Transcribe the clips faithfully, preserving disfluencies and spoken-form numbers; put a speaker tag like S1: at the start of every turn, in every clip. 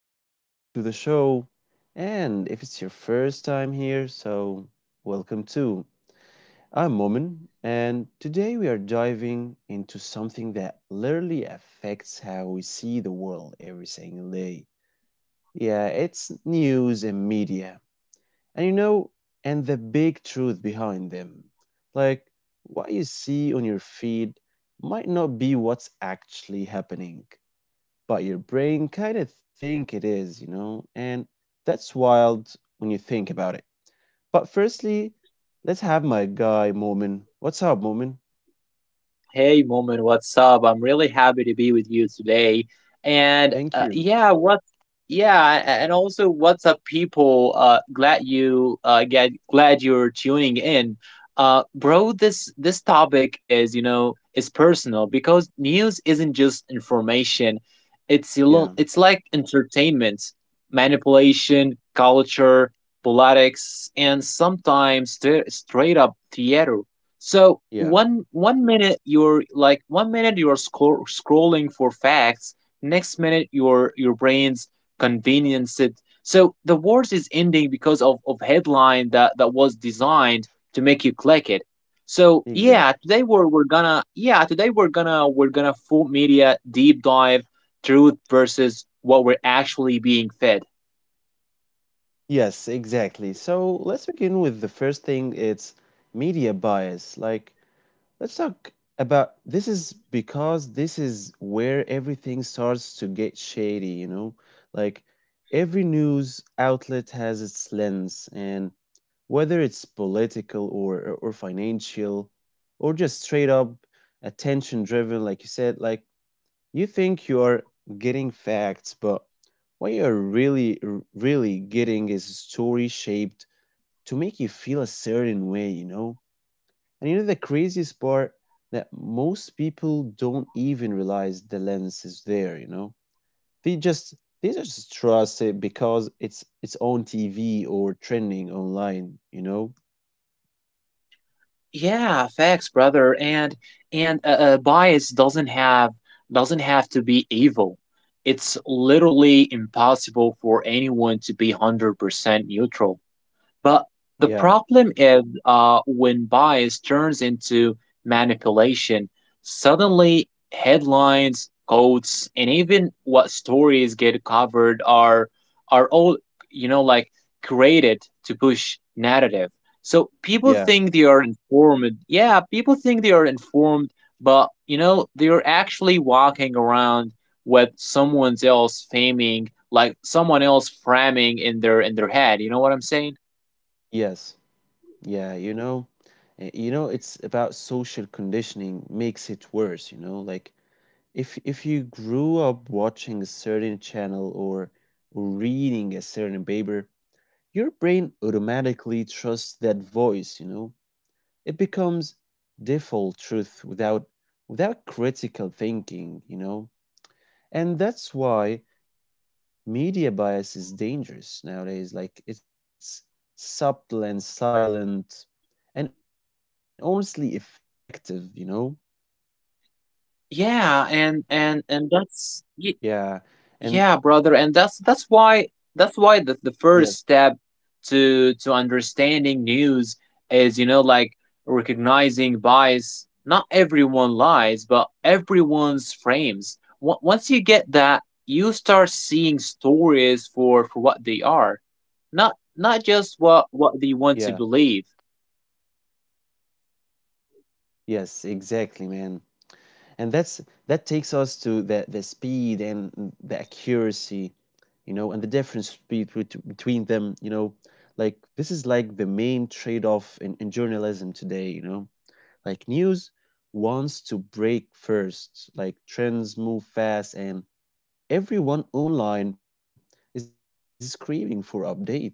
S1: welcome back to the show. And if it's your first time here, so welcome too. I'm Momin, and today we are diving into something that literally affects how we see the world every single day. Yeah, it's news and media. And you know, and the big truth behind them. Like, what you see on your feed might not be what's actually happening, but your brain kind of think it is, you know, and that's wild when you think about it. But firstly, let's have my guy Momin. What's up, Momin?
S2: Hey, Moment, what's up? I'm really happy to be with you today. And
S1: Thank
S2: uh,
S1: you.
S2: yeah, what? Yeah, a- and also, what's up, people? Uh, glad you uh get glad you're tuning in. Uh, bro, this this topic is you know is personal because news isn't just information. It's a lo-
S1: Yeah,
S2: it's like entertainment, manipulation, culture, politics, and sometimes st- straight up theater. So
S1: yeah,
S2: one one minute you're like one minute you're scro- scrolling for facts, next minute your your brain's convenience it. So the words is ending because of of headline that that was designed to make you click it. So yeah,
S1: exactly.
S2: today we're we're gonna yeah today we're gonna we're gonna full media deep dive truth versus what we're actually being fed.
S1: Yes, exactly. So let's begin with the first thing. It's media bias. Like, let's talk about this is because this is where everything starts to get shady, you know? Like, every news outlet has its lens, and whether it's political or or financial or just straight up attention driven, like you said. Like, you think you are getting facts, but what you're really r- really getting is a story shaped to make you feel a certain way, you know. And you know the craziest part, that most people don't even realize the lens is there, you know. they just they just trust it because it's it's on TV or trending online, you know.
S2: Yeah, facts, brother. And and uh, uh, bias doesn't have doesn't have to be evil. It's literally impossible for anyone to be one hundred percent neutral. But the
S1: Yeah,
S2: problem is uh, when bias turns into manipulation, suddenly headlines, quotes, and even what stories get covered are are all you know like created to push narrative. So people
S1: yeah.
S2: think they are informed. Yeah, people think they are informed, but you know they are actually walking around with someone else faming, like someone else framing in their in their head. You know what I'm saying?
S1: Yes. Yeah, you know, uh, you know it's about social conditioning makes it worse, you know. Like, if if you grew up watching a certain channel or reading a certain paper, your brain automatically trusts that voice, you know. It becomes default truth without without critical thinking, you know. And that's why media bias is dangerous nowadays. Like, it's subtle and silent and honestly effective, you know?
S2: Yeah,
S1: Yeah.
S2: and and
S1: And
S2: and that's y- yeah, brother, and that's
S1: yes,
S2: that's why that's why the, the first step to to understanding news is you know like recognizing bias. Not everyone lies, but everyone's frames. Wa- once you get that, you start seeing stories for for what they are, not not just
S1: yeah.
S2: what what they want to believe.
S1: Yes, exactly, man. And that's That takes us to the the speed and the accuracy, you know, and the difference speed bet- between them, you know. Like, this is like the main trade-off in, in journalism today, you know. Like, news wants to break first, like trends move fast, and everyone online is screaming for updates. Like,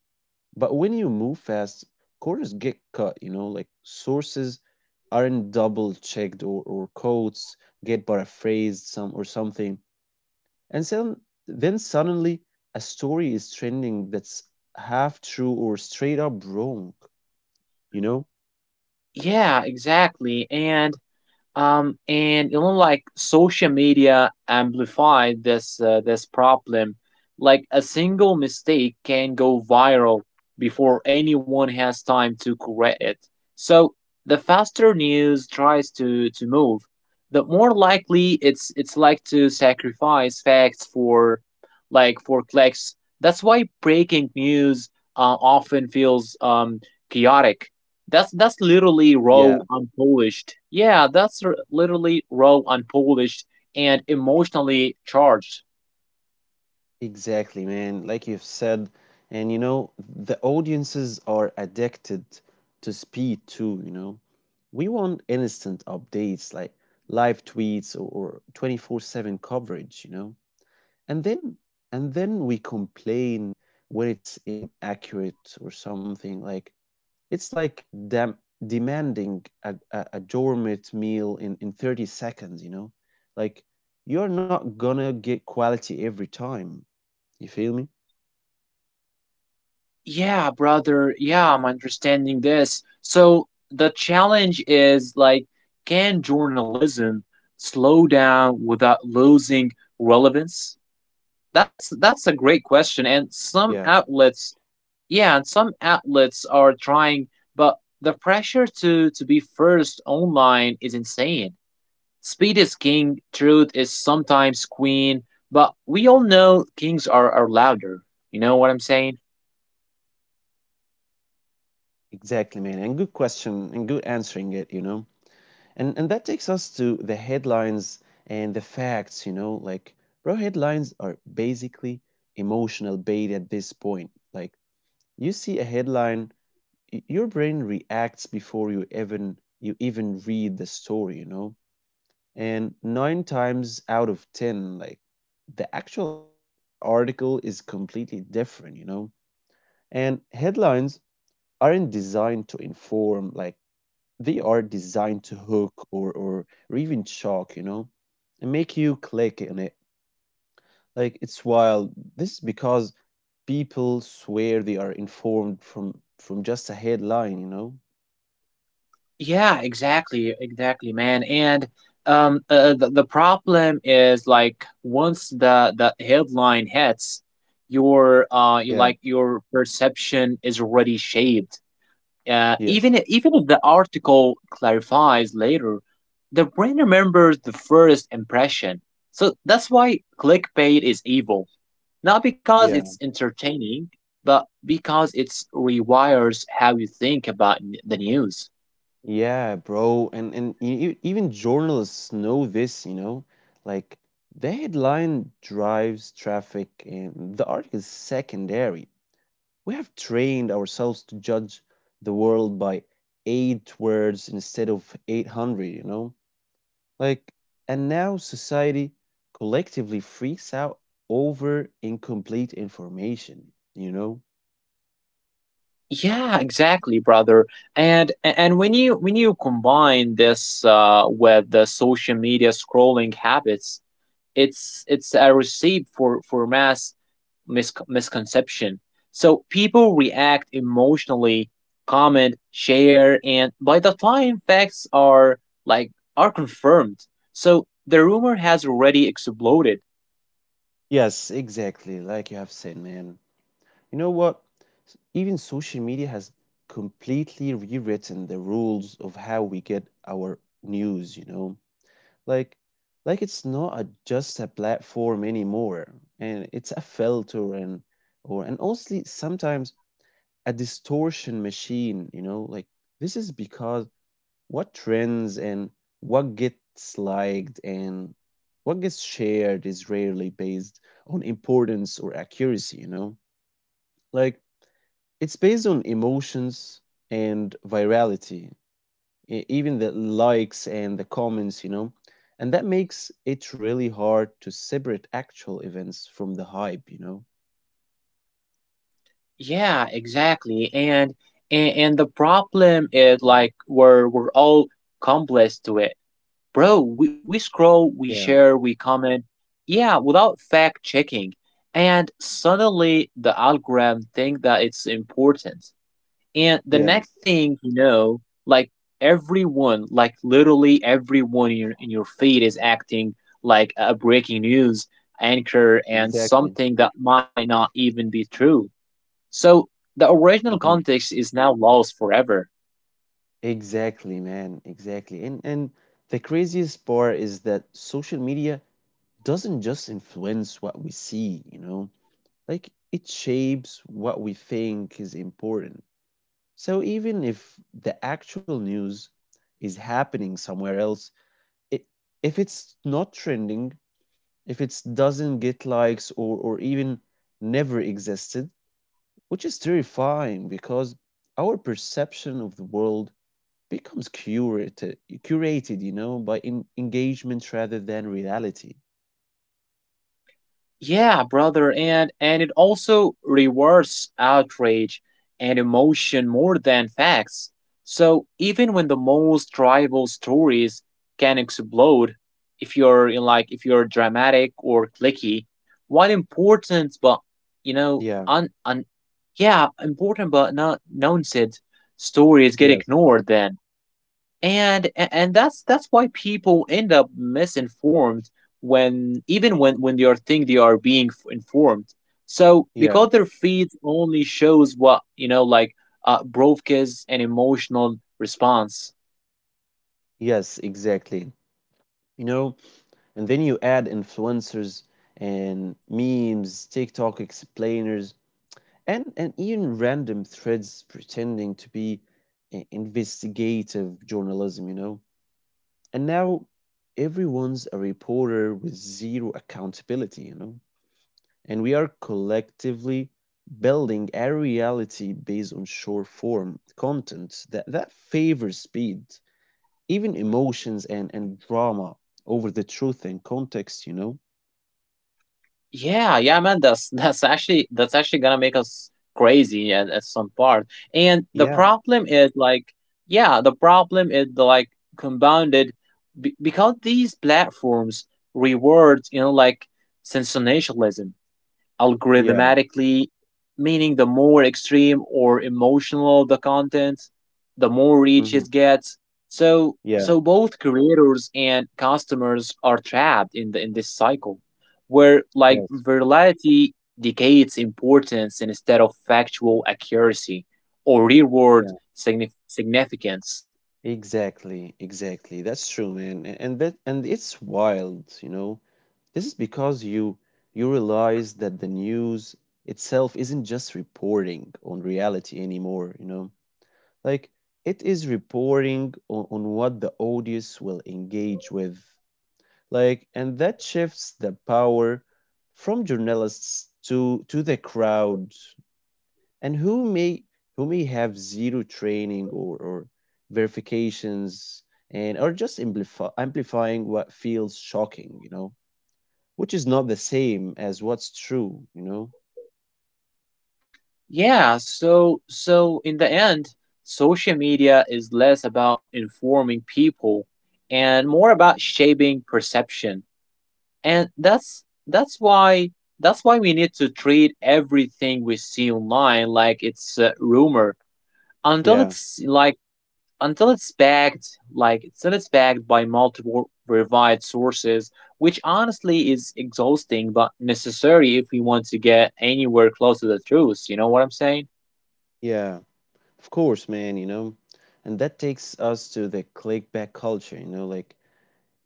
S1: but when you move fast, corners get cut, you know, like sources aren't double checked, or, or quotes get paraphrased some or something. And some Then suddenly a story is trending that's half true or straight up wrong, you know?
S2: Yeah, exactly, and. Um, and you know, like social media amplified this uh, this problem. Like a single mistake can go viral before anyone has time to correct it. So the faster news tries to to move, the more likely it's it's like to sacrifice facts for like for clicks. That's why breaking news uh, often feels um chaotic that's that's literally raw,
S1: Yeah.
S2: unpolished. Yeah, that's r- literally raw, unpolished, and emotionally charged.
S1: Exactly, man. Like you've said, and you know, the audiences are addicted to speed too, you know. We want instant updates like live tweets, or, or twenty four seven coverage, you know. And then and then we complain when it's inaccurate or something. Like, it's like dem demanding a, a, a gourmet meal in, in thirty seconds, you know. Like, you're not gonna get quality every time. You feel me?
S2: Yeah, brother. Yeah, I'm understanding this. So the challenge is like, can journalism slow down without losing relevance? That's that's a great question, and some
S1: Yeah,
S2: outlets, yeah, and some outlets are trying, but the pressure to to be first online is insane. Speed is king, truth is sometimes queen, but we all know kings are, are louder. You know what I'm saying?
S1: exactly, man. And good question and good answering it, you know. And and that takes us to the headlines and the facts, you know. Like, bro, headlines are basically emotional bait at this point. Like, you see a headline, y- your brain reacts before you even you even read the story, you know. And nine times out of ten, like, the actual article is completely different, you know. And headlines aren't designed to inform, like, they are designed to hook, or or, or even shock, you know, and make you click on it. Like, it's wild, this is because people swear they are informed from from just a headline, you know.
S2: Yeah, exactly, exactly, man. And um, uh, the, the problem is like once the the headline hits, your uh, you
S1: Yeah,
S2: like your perception is already shaped. Uh, even
S1: yes,
S2: i- even if the article clarifies later, the brain remembers the first impression. So that's why clickbait is evil. Not because
S1: yeah.
S2: it's entertaining, but because it rewires how you think about n- the news.
S1: Yeah, bro, and and e- e- even journalists know this, you know. Like, the headline drives traffic and the article is secondary. We have trained ourselves to judge the world by eight words instead of eight hundred, you know? Like, and now society collectively freaks out over incomplete information, you know?
S2: Yeah, exactly, brother. And a- and when you when you combine this uh, with the social media scrolling habits, it's it's a recipe for for mass mis- misconception. So people react emotionally, comment, share, and by the time facts are like are confirmed, so the rumor has already exploded.
S1: Yes, exactly. Like you have said, man. You know what? S- Even social media has completely rewritten the rules of how we get our news, you know? Like, like it's not a, just a platform anymore, and it's a filter and or and honestly sometimes a distortion machine, you know. Like, this is because what trends and what gets liked and what gets shared is rarely based on importance or accuracy, you know? Like, it's based on emotions and virality, e- even the likes and the comments, you know. And that makes it really hard to separate actual events from the hype, you know.
S2: Yeah, exactly. And and, and the problem is like we're we're all complex to it. Bro, we, we scroll, we
S1: Yeah,
S2: share, we comment. Yeah, without fact checking. And suddenly the algorithm think that it's important. And the
S1: yeah,
S2: next thing you know, like everyone, like literally everyone in your in your feed is acting like a breaking news anchor and
S1: exactly.
S2: something that might not even be true. So the original
S1: Mhm.
S2: context is now lost forever.
S1: Exactly, man. Exactly. And and the craziest part is that social media doesn't just influence what we see, you know. Like, it shapes what we think is important. So even if the actual news is happening somewhere else, it, if it's not trending, if it doesn't get likes, or, or even never existed, which is terrifying because our perception of the world becomes curated, curated, you know, by in- engagement rather than reality.
S2: Yeah, brother, and and it also rewards outrage and emotion more than facts. So even when the most tribal stories can explode, if you're you like if you're dramatic or clicky, one important but you know
S1: Yeah,
S2: un, un yeah important but not nonsense stories get
S1: yes,
S2: ignored then. and and that's that's why people end up misinformed when even when when they are think they are being f- informed so
S1: yeah,
S2: because their feed only shows what you know like uh broadcasts an emotional response.
S1: yes, exactly. You know, and then you add influencers and memes, TikTok explainers, and, and even random threads pretending to be i- investigative journalism, you know. And now everyone's a reporter with zero accountability, you know? And we are collectively building a reality based on short form content that, that favors speed, even emotions and, and drama over the truth and context, you know?
S2: Yeah, yeah, man, that's that's actually that's actually gonna make us crazy at, at some part. And the
S1: Yeah,
S2: problem is like, yeah, the problem is like compounded b because these platforms reward, you know, like sensationalism
S1: yeah,
S2: algorithmatically, meaning the more extreme or emotional the content, the more reach
S1: hmm,
S2: it gets. So
S1: yeah,
S2: so both creators and customers are trapped in the in this cycle where like
S1: yes,
S2: virality decays importance instead of factual accuracy or reward
S1: yeah.
S2: signif- significance.
S1: Exactly, exactly. That's true, man. A- And that and it's wild, you know. This is because you you realize that the news itself isn't just reporting on reality anymore, you know. Like, it is reporting on, on what the audience will engage with. Like and That shifts the power from journalists to to the crowd, and who may who may have zero training, or, or verifications, and are just amplifi- amplifying what feels shocking, you know, which is not the same as what's true, you know.
S2: Yeah, so so in the end, social media is less about informing people and more about shaping perception. And that's that's why that's why we need to treat everything we see online like it's a rumor until
S1: Yeah,
S2: it's like until it's backed like until it's backed by multiple verified sources, which honestly is exhausting but necessary if we want to get anywhere close to the truth. You know what I'm saying?
S1: yeah, of course, man, you know. And that takes us to the clickbait culture, you know. Like,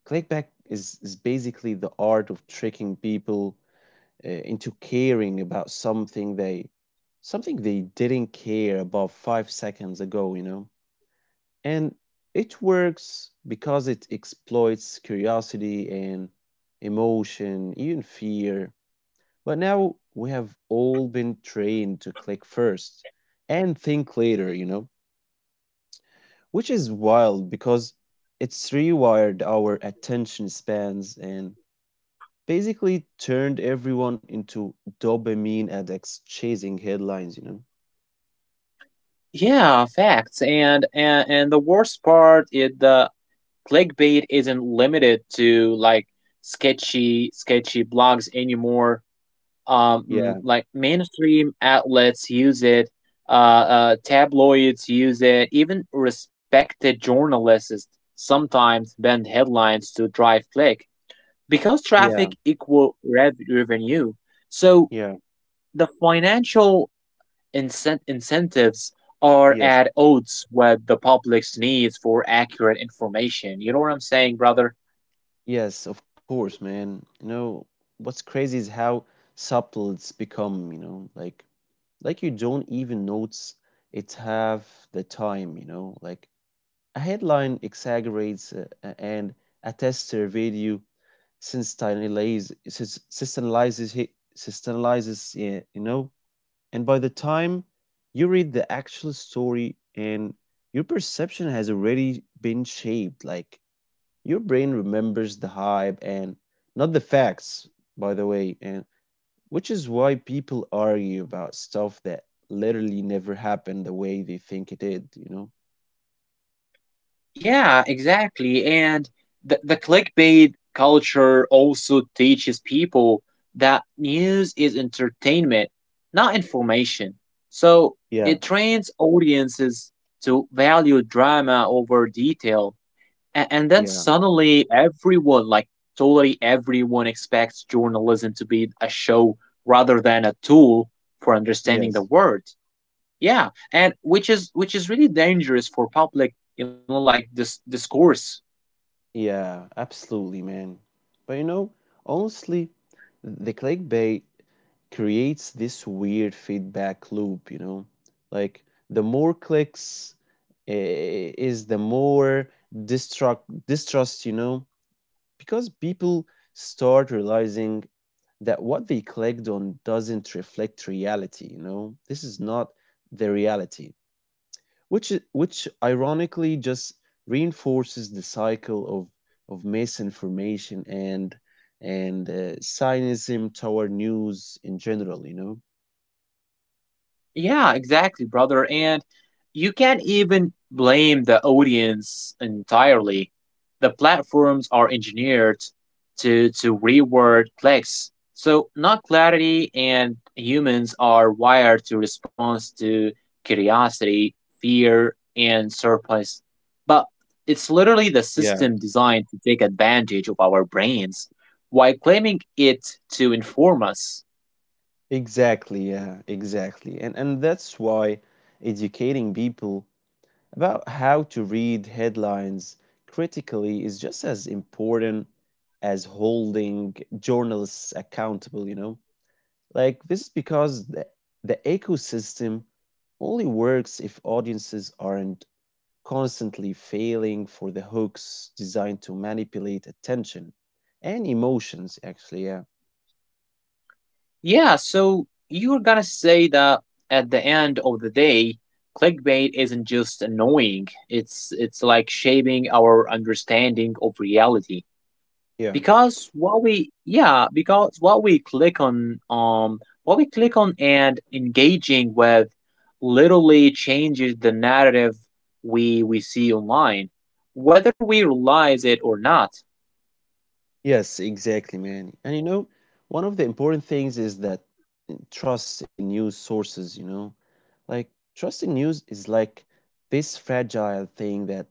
S1: clickbait is is basically the art of tricking people, uh, into caring about something they something they didn't care about five seconds ago, you know. And it works because it exploits curiosity and emotion, even fear. But now we have all been trained to click first and think later, you know, which is wild because it's rewired our attention spans and basically turned everyone into dopamine addicts chasing headlines, you know.
S2: Yeah facts and and, and the worst part is the clickbait isn't limited to like sketchy sketchy blogs anymore. Um, mm,
S1: Yeah,
S2: like mainstream outlets use it, uh, uh, tabloids use it, even respected journalists sometimes bend headlines to drive click because traffic
S1: yeah,
S2: equal rev- revenue. So
S1: yeah,
S2: the financial incent- incentives are
S1: yes.
S2: at odds with the public's needs for accurate information. You know what I'm saying, brother?
S1: Yes, of course, man. You know, what's crazy is how subtle it's become, you know. Like like you don't even notice it half the time, you know. Like, a headline exaggerates, uh, a- and a tester video sensationalizes sensationalizes it- sensationalizes it, you know, and by the time you read the actual story, and your perception has already been shaped. Like, your brain remembers the hype and not the facts, by the way, and which is why people argue about stuff that literally never happened the way they think it did, you know?
S2: Yeah, exactly. And the, the clickbait culture also teaches people that news is entertainment, not information. So
S1: Yeah,
S2: it trains audiences to value drama over detail. And, and then
S1: yeah,
S2: suddenly everyone, like totally everyone, expects journalism to be a show rather than a tool for understanding the
S1: yes.
S2: world. Yeah, and which is which is really dangerous for public you know like this discourse.
S1: Yeah, absolutely, man. But you know, honestly, the clickbait creates this weird feedback loop, you know? Like, the more clicks, eh, is the more distrust distrust, you know? Because people start realizing that what they clicked on doesn't reflect reality, you know. This is not the reality, which i- which ironically just reinforces the cycle of of misinformation and and uh, cynicism toward news in general, you know.
S2: Yeah, exactly, brother. And you can't even blame the audience entirely. The platforms are engineered to to reward clicks. So not clarity and humans are wired to respond to curiosity, fear, and surprise. But it's literally the
S1: Yeah.
S2: system designed to take advantage of our brains while claiming it to inform us.
S1: Exactly, yeah, exactly. And and that's why educating people about how to read headlines critically is just as important as holding journalists accountable, you know? Like, this is because the, the ecosystem only works if audiences aren't constantly failing for the hooks designed to manipulate attention and emotions, actually. Yeah.
S2: Yeah, so you're gonna say that at the end of the day, clickbait isn't just annoying. It's it's like shaping our understanding of reality.
S1: Yeah.
S2: Because what we yeah, because what we click on um what we click on and engaging with literally changes the narrative we we see online, whether we realize it or not.
S1: Yes, exactly, man. And you know, one of the important things is that, eh, trust in news sources, you know. Like, trust in news is like this fragile thing that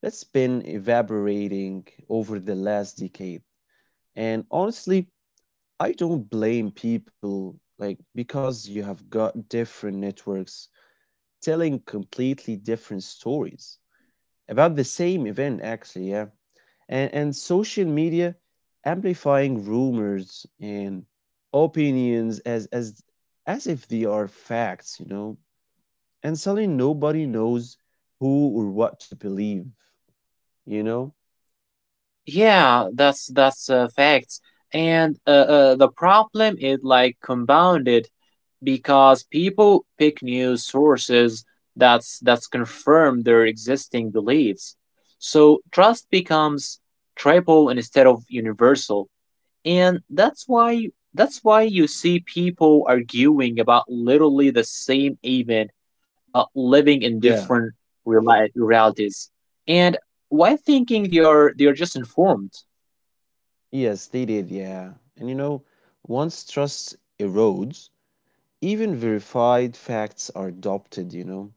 S1: that's been evaporating over the last decade. And honestly, I don't blame people, like, because you have got different networks telling completely different stories about the same event, actually, yeah, and, and social media amplifying rumors and opinions as as as if they are facts, you know, and suddenly nobody knows who or what to believe, you know.
S2: Yeah, that's that's uh, facts. And uh, uh, the problem is like compounded because people pick news sources that's that's confirm their existing beliefs. So trust becomes tribal instead of universal. And that's why that's why you see people arguing about literally the same event but living in
S1: Yeah.
S2: different reali- realities. And why thinking they are they are just informed?
S1: Yes they did, yeah, and you know, once trust erodes, even verified facts are adopted, you know.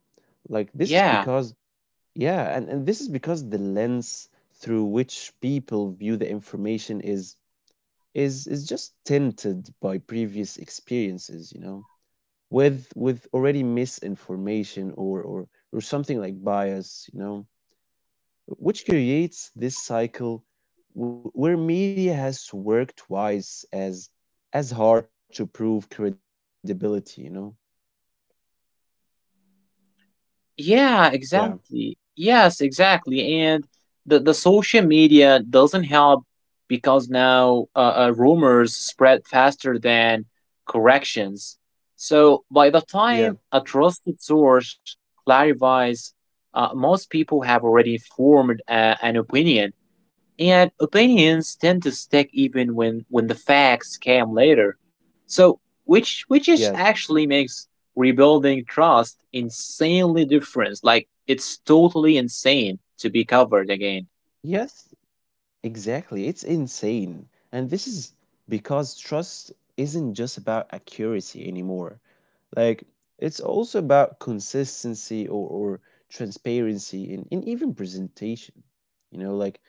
S1: Like, this is
S2: Yeah.
S1: because yeah, and, and this is because the lens through which people view the information is is is just tinted by previous experiences, you know, with with already misinformation, or or or something like bias, you know, which creates this cycle wh- where media has to work twice as as hard to prove credibility, you know. Yeah.
S2: Yeah, exactly. Yes, exactly. And the the social media doesn't help because now uh, uh, rumors spread faster than corrections. So by the
S1: Yeah.
S2: time a trusted source clarifies, uh, most people have already formed a, an opinion and opinions tend to stick even when when the facts came later. So, which
S1: Yes.
S2: which is actually makes rebuilding trust insanely different. Like it's totally insane to be covered again.
S1: Yes, exactly. It's insane. And this is because trust isn't just about accuracy anymore. Like, it's also about consistency, or, or transparency, and, and even presentation. You know, like,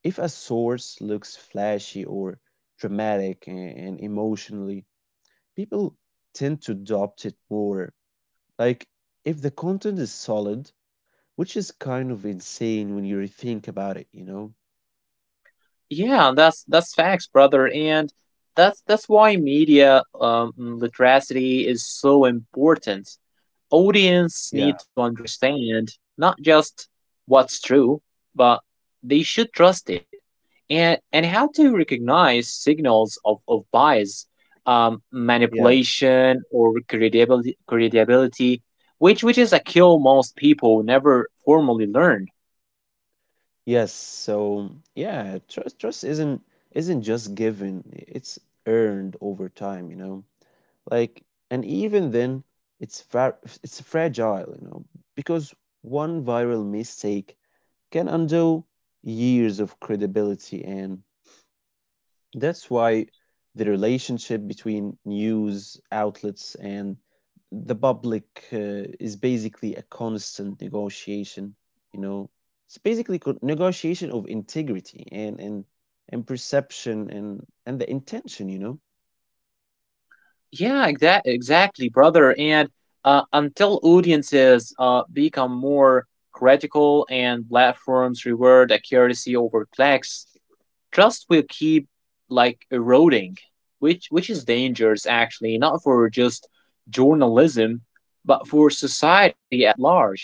S1: if a source looks flashy or dramatic and, and emotionally, people tend to adopt it more. Like, if the content is solid, which is kind of insane when you think about it, you know?
S2: Yeah, that's that's facts, brother, and that's that's why media um, literacy is so important. Audience
S1: Yeah,
S2: need to understand not just what's true, but they should trust it, and and how to recognize signals of of bias, um,
S1: yeah.
S2: manipulation, or credibility credibility, which which is a skill most people never formally learn.
S1: Yes, so yeah, trust trust isn't isn't just given. It's earned over time, you know. Like and even then it's fra- it's fragile, you know, because one viral mistake can undo years of credibility, and that's why the relationship between news outlets and the public uh, is basically a constant negotiation. You know, it's basically co- negotiation of integrity and and and perception and and the intention. You know.
S2: Yeah, exact exactly, brother. And uh, until audiences uh, become more critical and platforms reward accuracy over clicks, trust will keep like eroding, which which is dangerous actually, not for just journalism, but for society at large.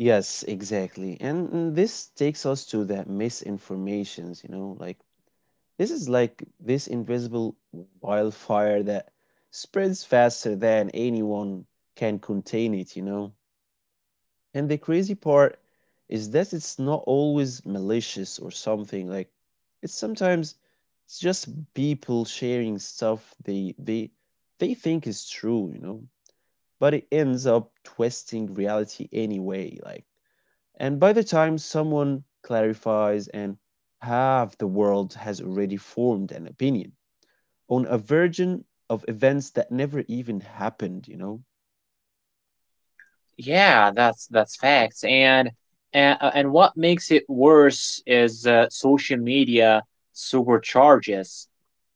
S1: Yes, exactly. And and this takes us to the misinformations. You know, like this is like this invisible wildfire that spreads faster than anyone can contain it. You know. And the crazy part is that it's not always malicious or something. Like it's sometimes it's just people sharing stuff they they they think is true, you know. But it ends up twisting reality anyway. Like and by the time someone clarifies, and half the world has already formed an opinion on a version of events that never even happened, you know?
S2: Yeah, that's that's facts. And and, uh, and what makes it worse is uh, social media supercharges.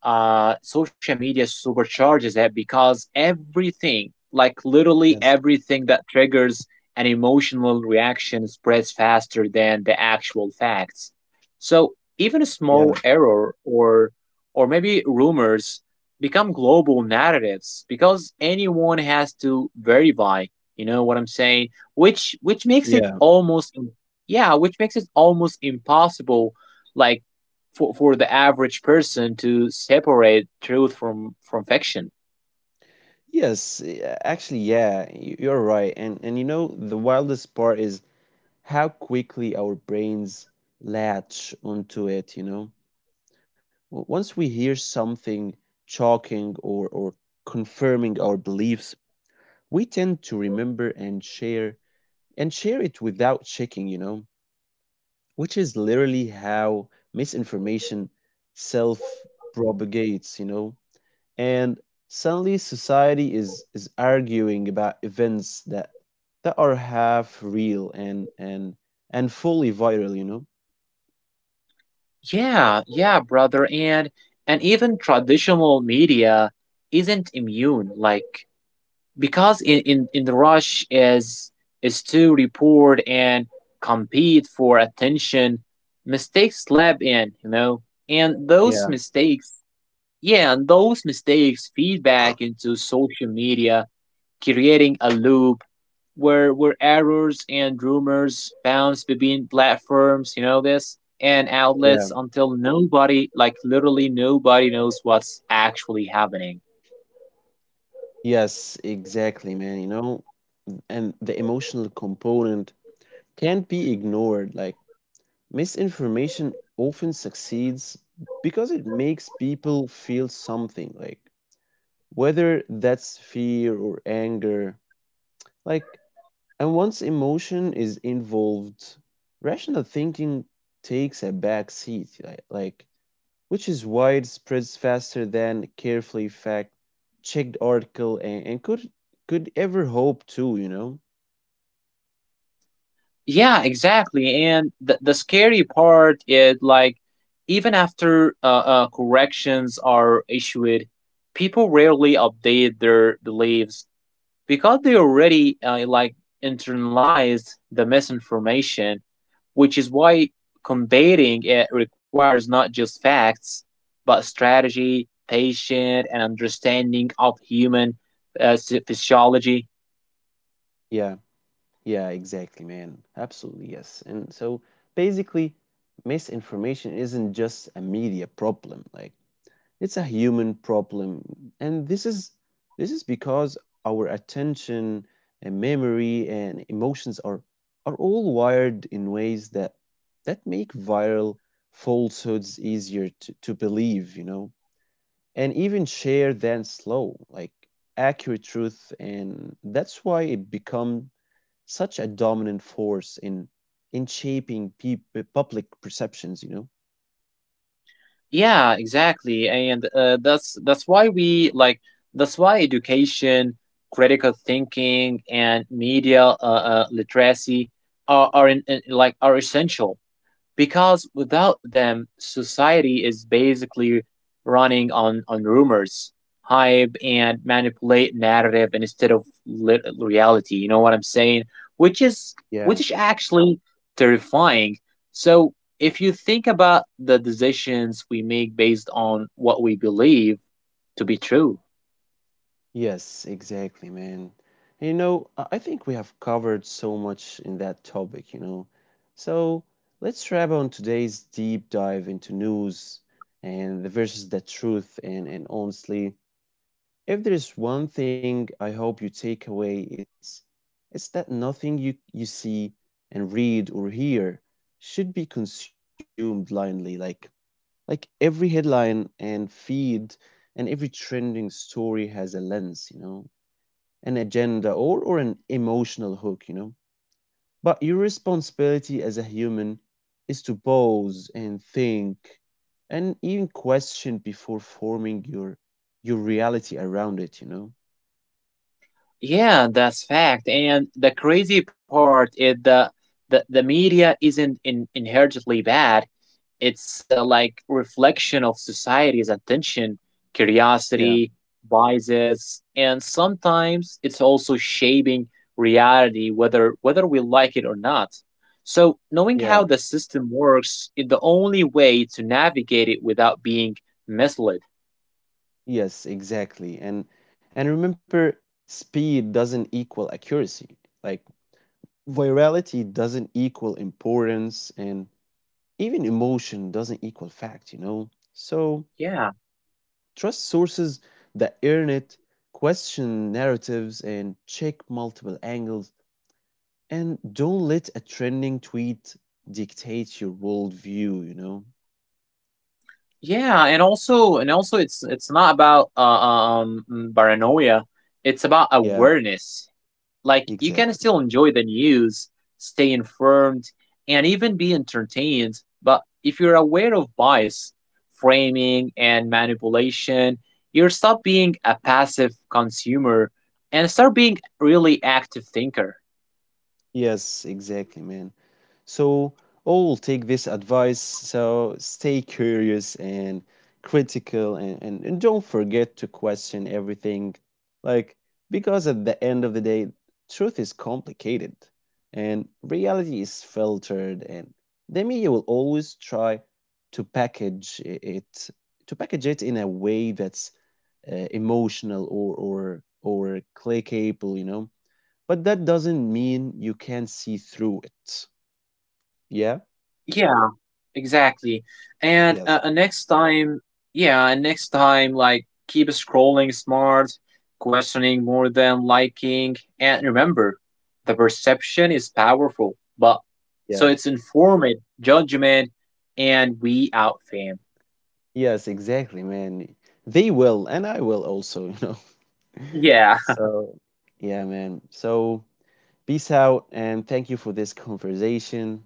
S2: Uh, social media supercharges that because everything, like literally
S1: Yes.
S2: everything that triggers an emotional reaction, spreads faster than the actual facts. So even a small
S1: Yeah.
S2: error or or maybe rumors become global narratives because anyone has to verify. You know what I'm saying? Which which makes it
S1: Yeah.
S2: almost yeah, which makes it almost impossible like for for the average person to separate truth from from fiction.
S1: Yes, e- actually, yeah, y- you're right. And and you know, the wildest part is how quickly our brains latch onto it, you know. W- Once we hear something shocking or or confirming our beliefs, we tend to remember and share and share it without checking, you know, which is literally how misinformation self propagates, you know. And suddenly society is is arguing about events that that are half real and and and fully viral, you know.
S2: Yeah, yeah, brother, and and even traditional media isn't immune like because in in, in the rush is is to report and compete for attention mistakes slip in, you know, and those
S1: Yeah.
S2: mistakes. Yeah, and those mistakes feed back into social media, creating a loop where where errors and rumors bounce between platforms, you know this, and
S1: Yeah.
S2: outlets until nobody, like literally nobody knows what's actually happening.
S1: Yes, exactly, man, you know. And the emotional component can't be ignored. Like misinformation often succeeds because it makes people feel something, like whether that's fear or anger. Like and once emotion is involved, rational thinking takes a back seat, li- like, which is why it spreads faster than carefully fact checked article and, and could could ever hope to, you know?
S2: Yeah, exactly. And the, the scary part is like even after uh, uh, corrections are issued, people rarely update their beliefs because they already uh, like internalize the misinformation, which is why combating it requires not just facts, but strategy, patience, and understanding of human uh, phy- physiology.
S1: Yeah, yeah, exactly, man. Absolutely, yes. And so basically misinformation isn't just a media problem. Like it's a human problem. And this is this is because our attention and memory and emotions are are all wired in ways that that make viral falsehoods easier to, to believe, you know, and even share than slow, like accurate truth. And that's why it become such a dominant force in in shaping peop public perceptions, you know.
S2: Yeah, exactly, and uh, that's that's why we like that's why education, critical thinking, and media uh, uh, literacy are, are in, in- like are essential because without them, society is basically running on, on rumors, hype, and manipulate narrative instead of lit- reality. You know what I'm saying? Which is which is actually terrifying. So if you think about the decisions we make based on what we believe to be true,
S1: Yes, exactly, man. And you know, I I think we have covered so much in that topic, you know. So let's wrap on today's deep dive into news and the versus the truth. And and honestly, if there is one thing I hope you take away, it's it's that nothing you you see and read or hear should be consumed blindly. Like like every headline and feed and every trending story has a lens, you know, an agenda, or, or an emotional hook, you know. But your responsibility as a human is to pause and think and even question before forming your your reality around it, you know.
S2: yeah, that's fact. And the crazy part is the the, the media isn't in, inherently bad. It's uh, like reflection of society's attention, curiosity,
S1: Yeah,
S2: biases, and sometimes it's also shaping reality whether whether we like it or not. So knowing how the
S1: yeah.
S2: system works is the only way to navigate it without being misled.
S1: Yes, exactly. And and remember, speed doesn't equal accuracy. Like virality doesn't equal importance, and even emotion doesn't equal fact, you know. So
S2: Yeah,
S1: trust sources that earn it, question narratives, and check multiple angles. And don't let a trending tweet dictate your worldview, you know?
S2: yeah, and also and also it's it's not about uh, um paranoia, it's about
S1: Yeah,
S2: awareness. Like you
S1: exactly.
S2: can still enjoy the news, stay informed, and even be entertained. But if you're aware of bias, framing, and manipulation, you stop being a passive consumer and start being a really active thinker.
S1: Yes, exactly, man. So, all take this advice. So, stay curious and critical, and, and, and don't forget to question everything. Like, because at the end of the day, truth is complicated and reality is filtered, and the media will always try to package I- it to package it in a way that's uh, emotional or or or clickable, you know. But that doesn't mean you can't see through it. Yeah?
S2: Yeah, exactly. And
S1: Yes.
S2: uh, uh, next time, yeah, and next time, like, keep scrolling smart, questioning more than liking. And remember, the perception is powerful, but so
S1: Yeah.
S2: it's informed judgment, and we out, fam.
S1: Yes, exactly, man. They will, and I will also, you know.
S2: Yeah.
S1: So, yeah, man. So, peace out, and thank you for this conversation.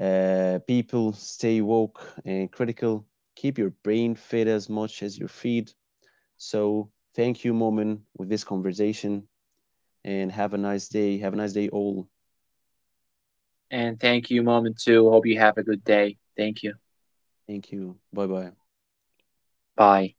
S1: Uh, people, stay woke and critical. Keep your brain fed as much as your feet. So, thank you, Momin, with this conversation, and have a nice day. Have a nice day, all.
S2: And thank you, mom, and two. Hope you have a good day. Thank you.
S1: Thank you. Bye bye.
S2: Bye.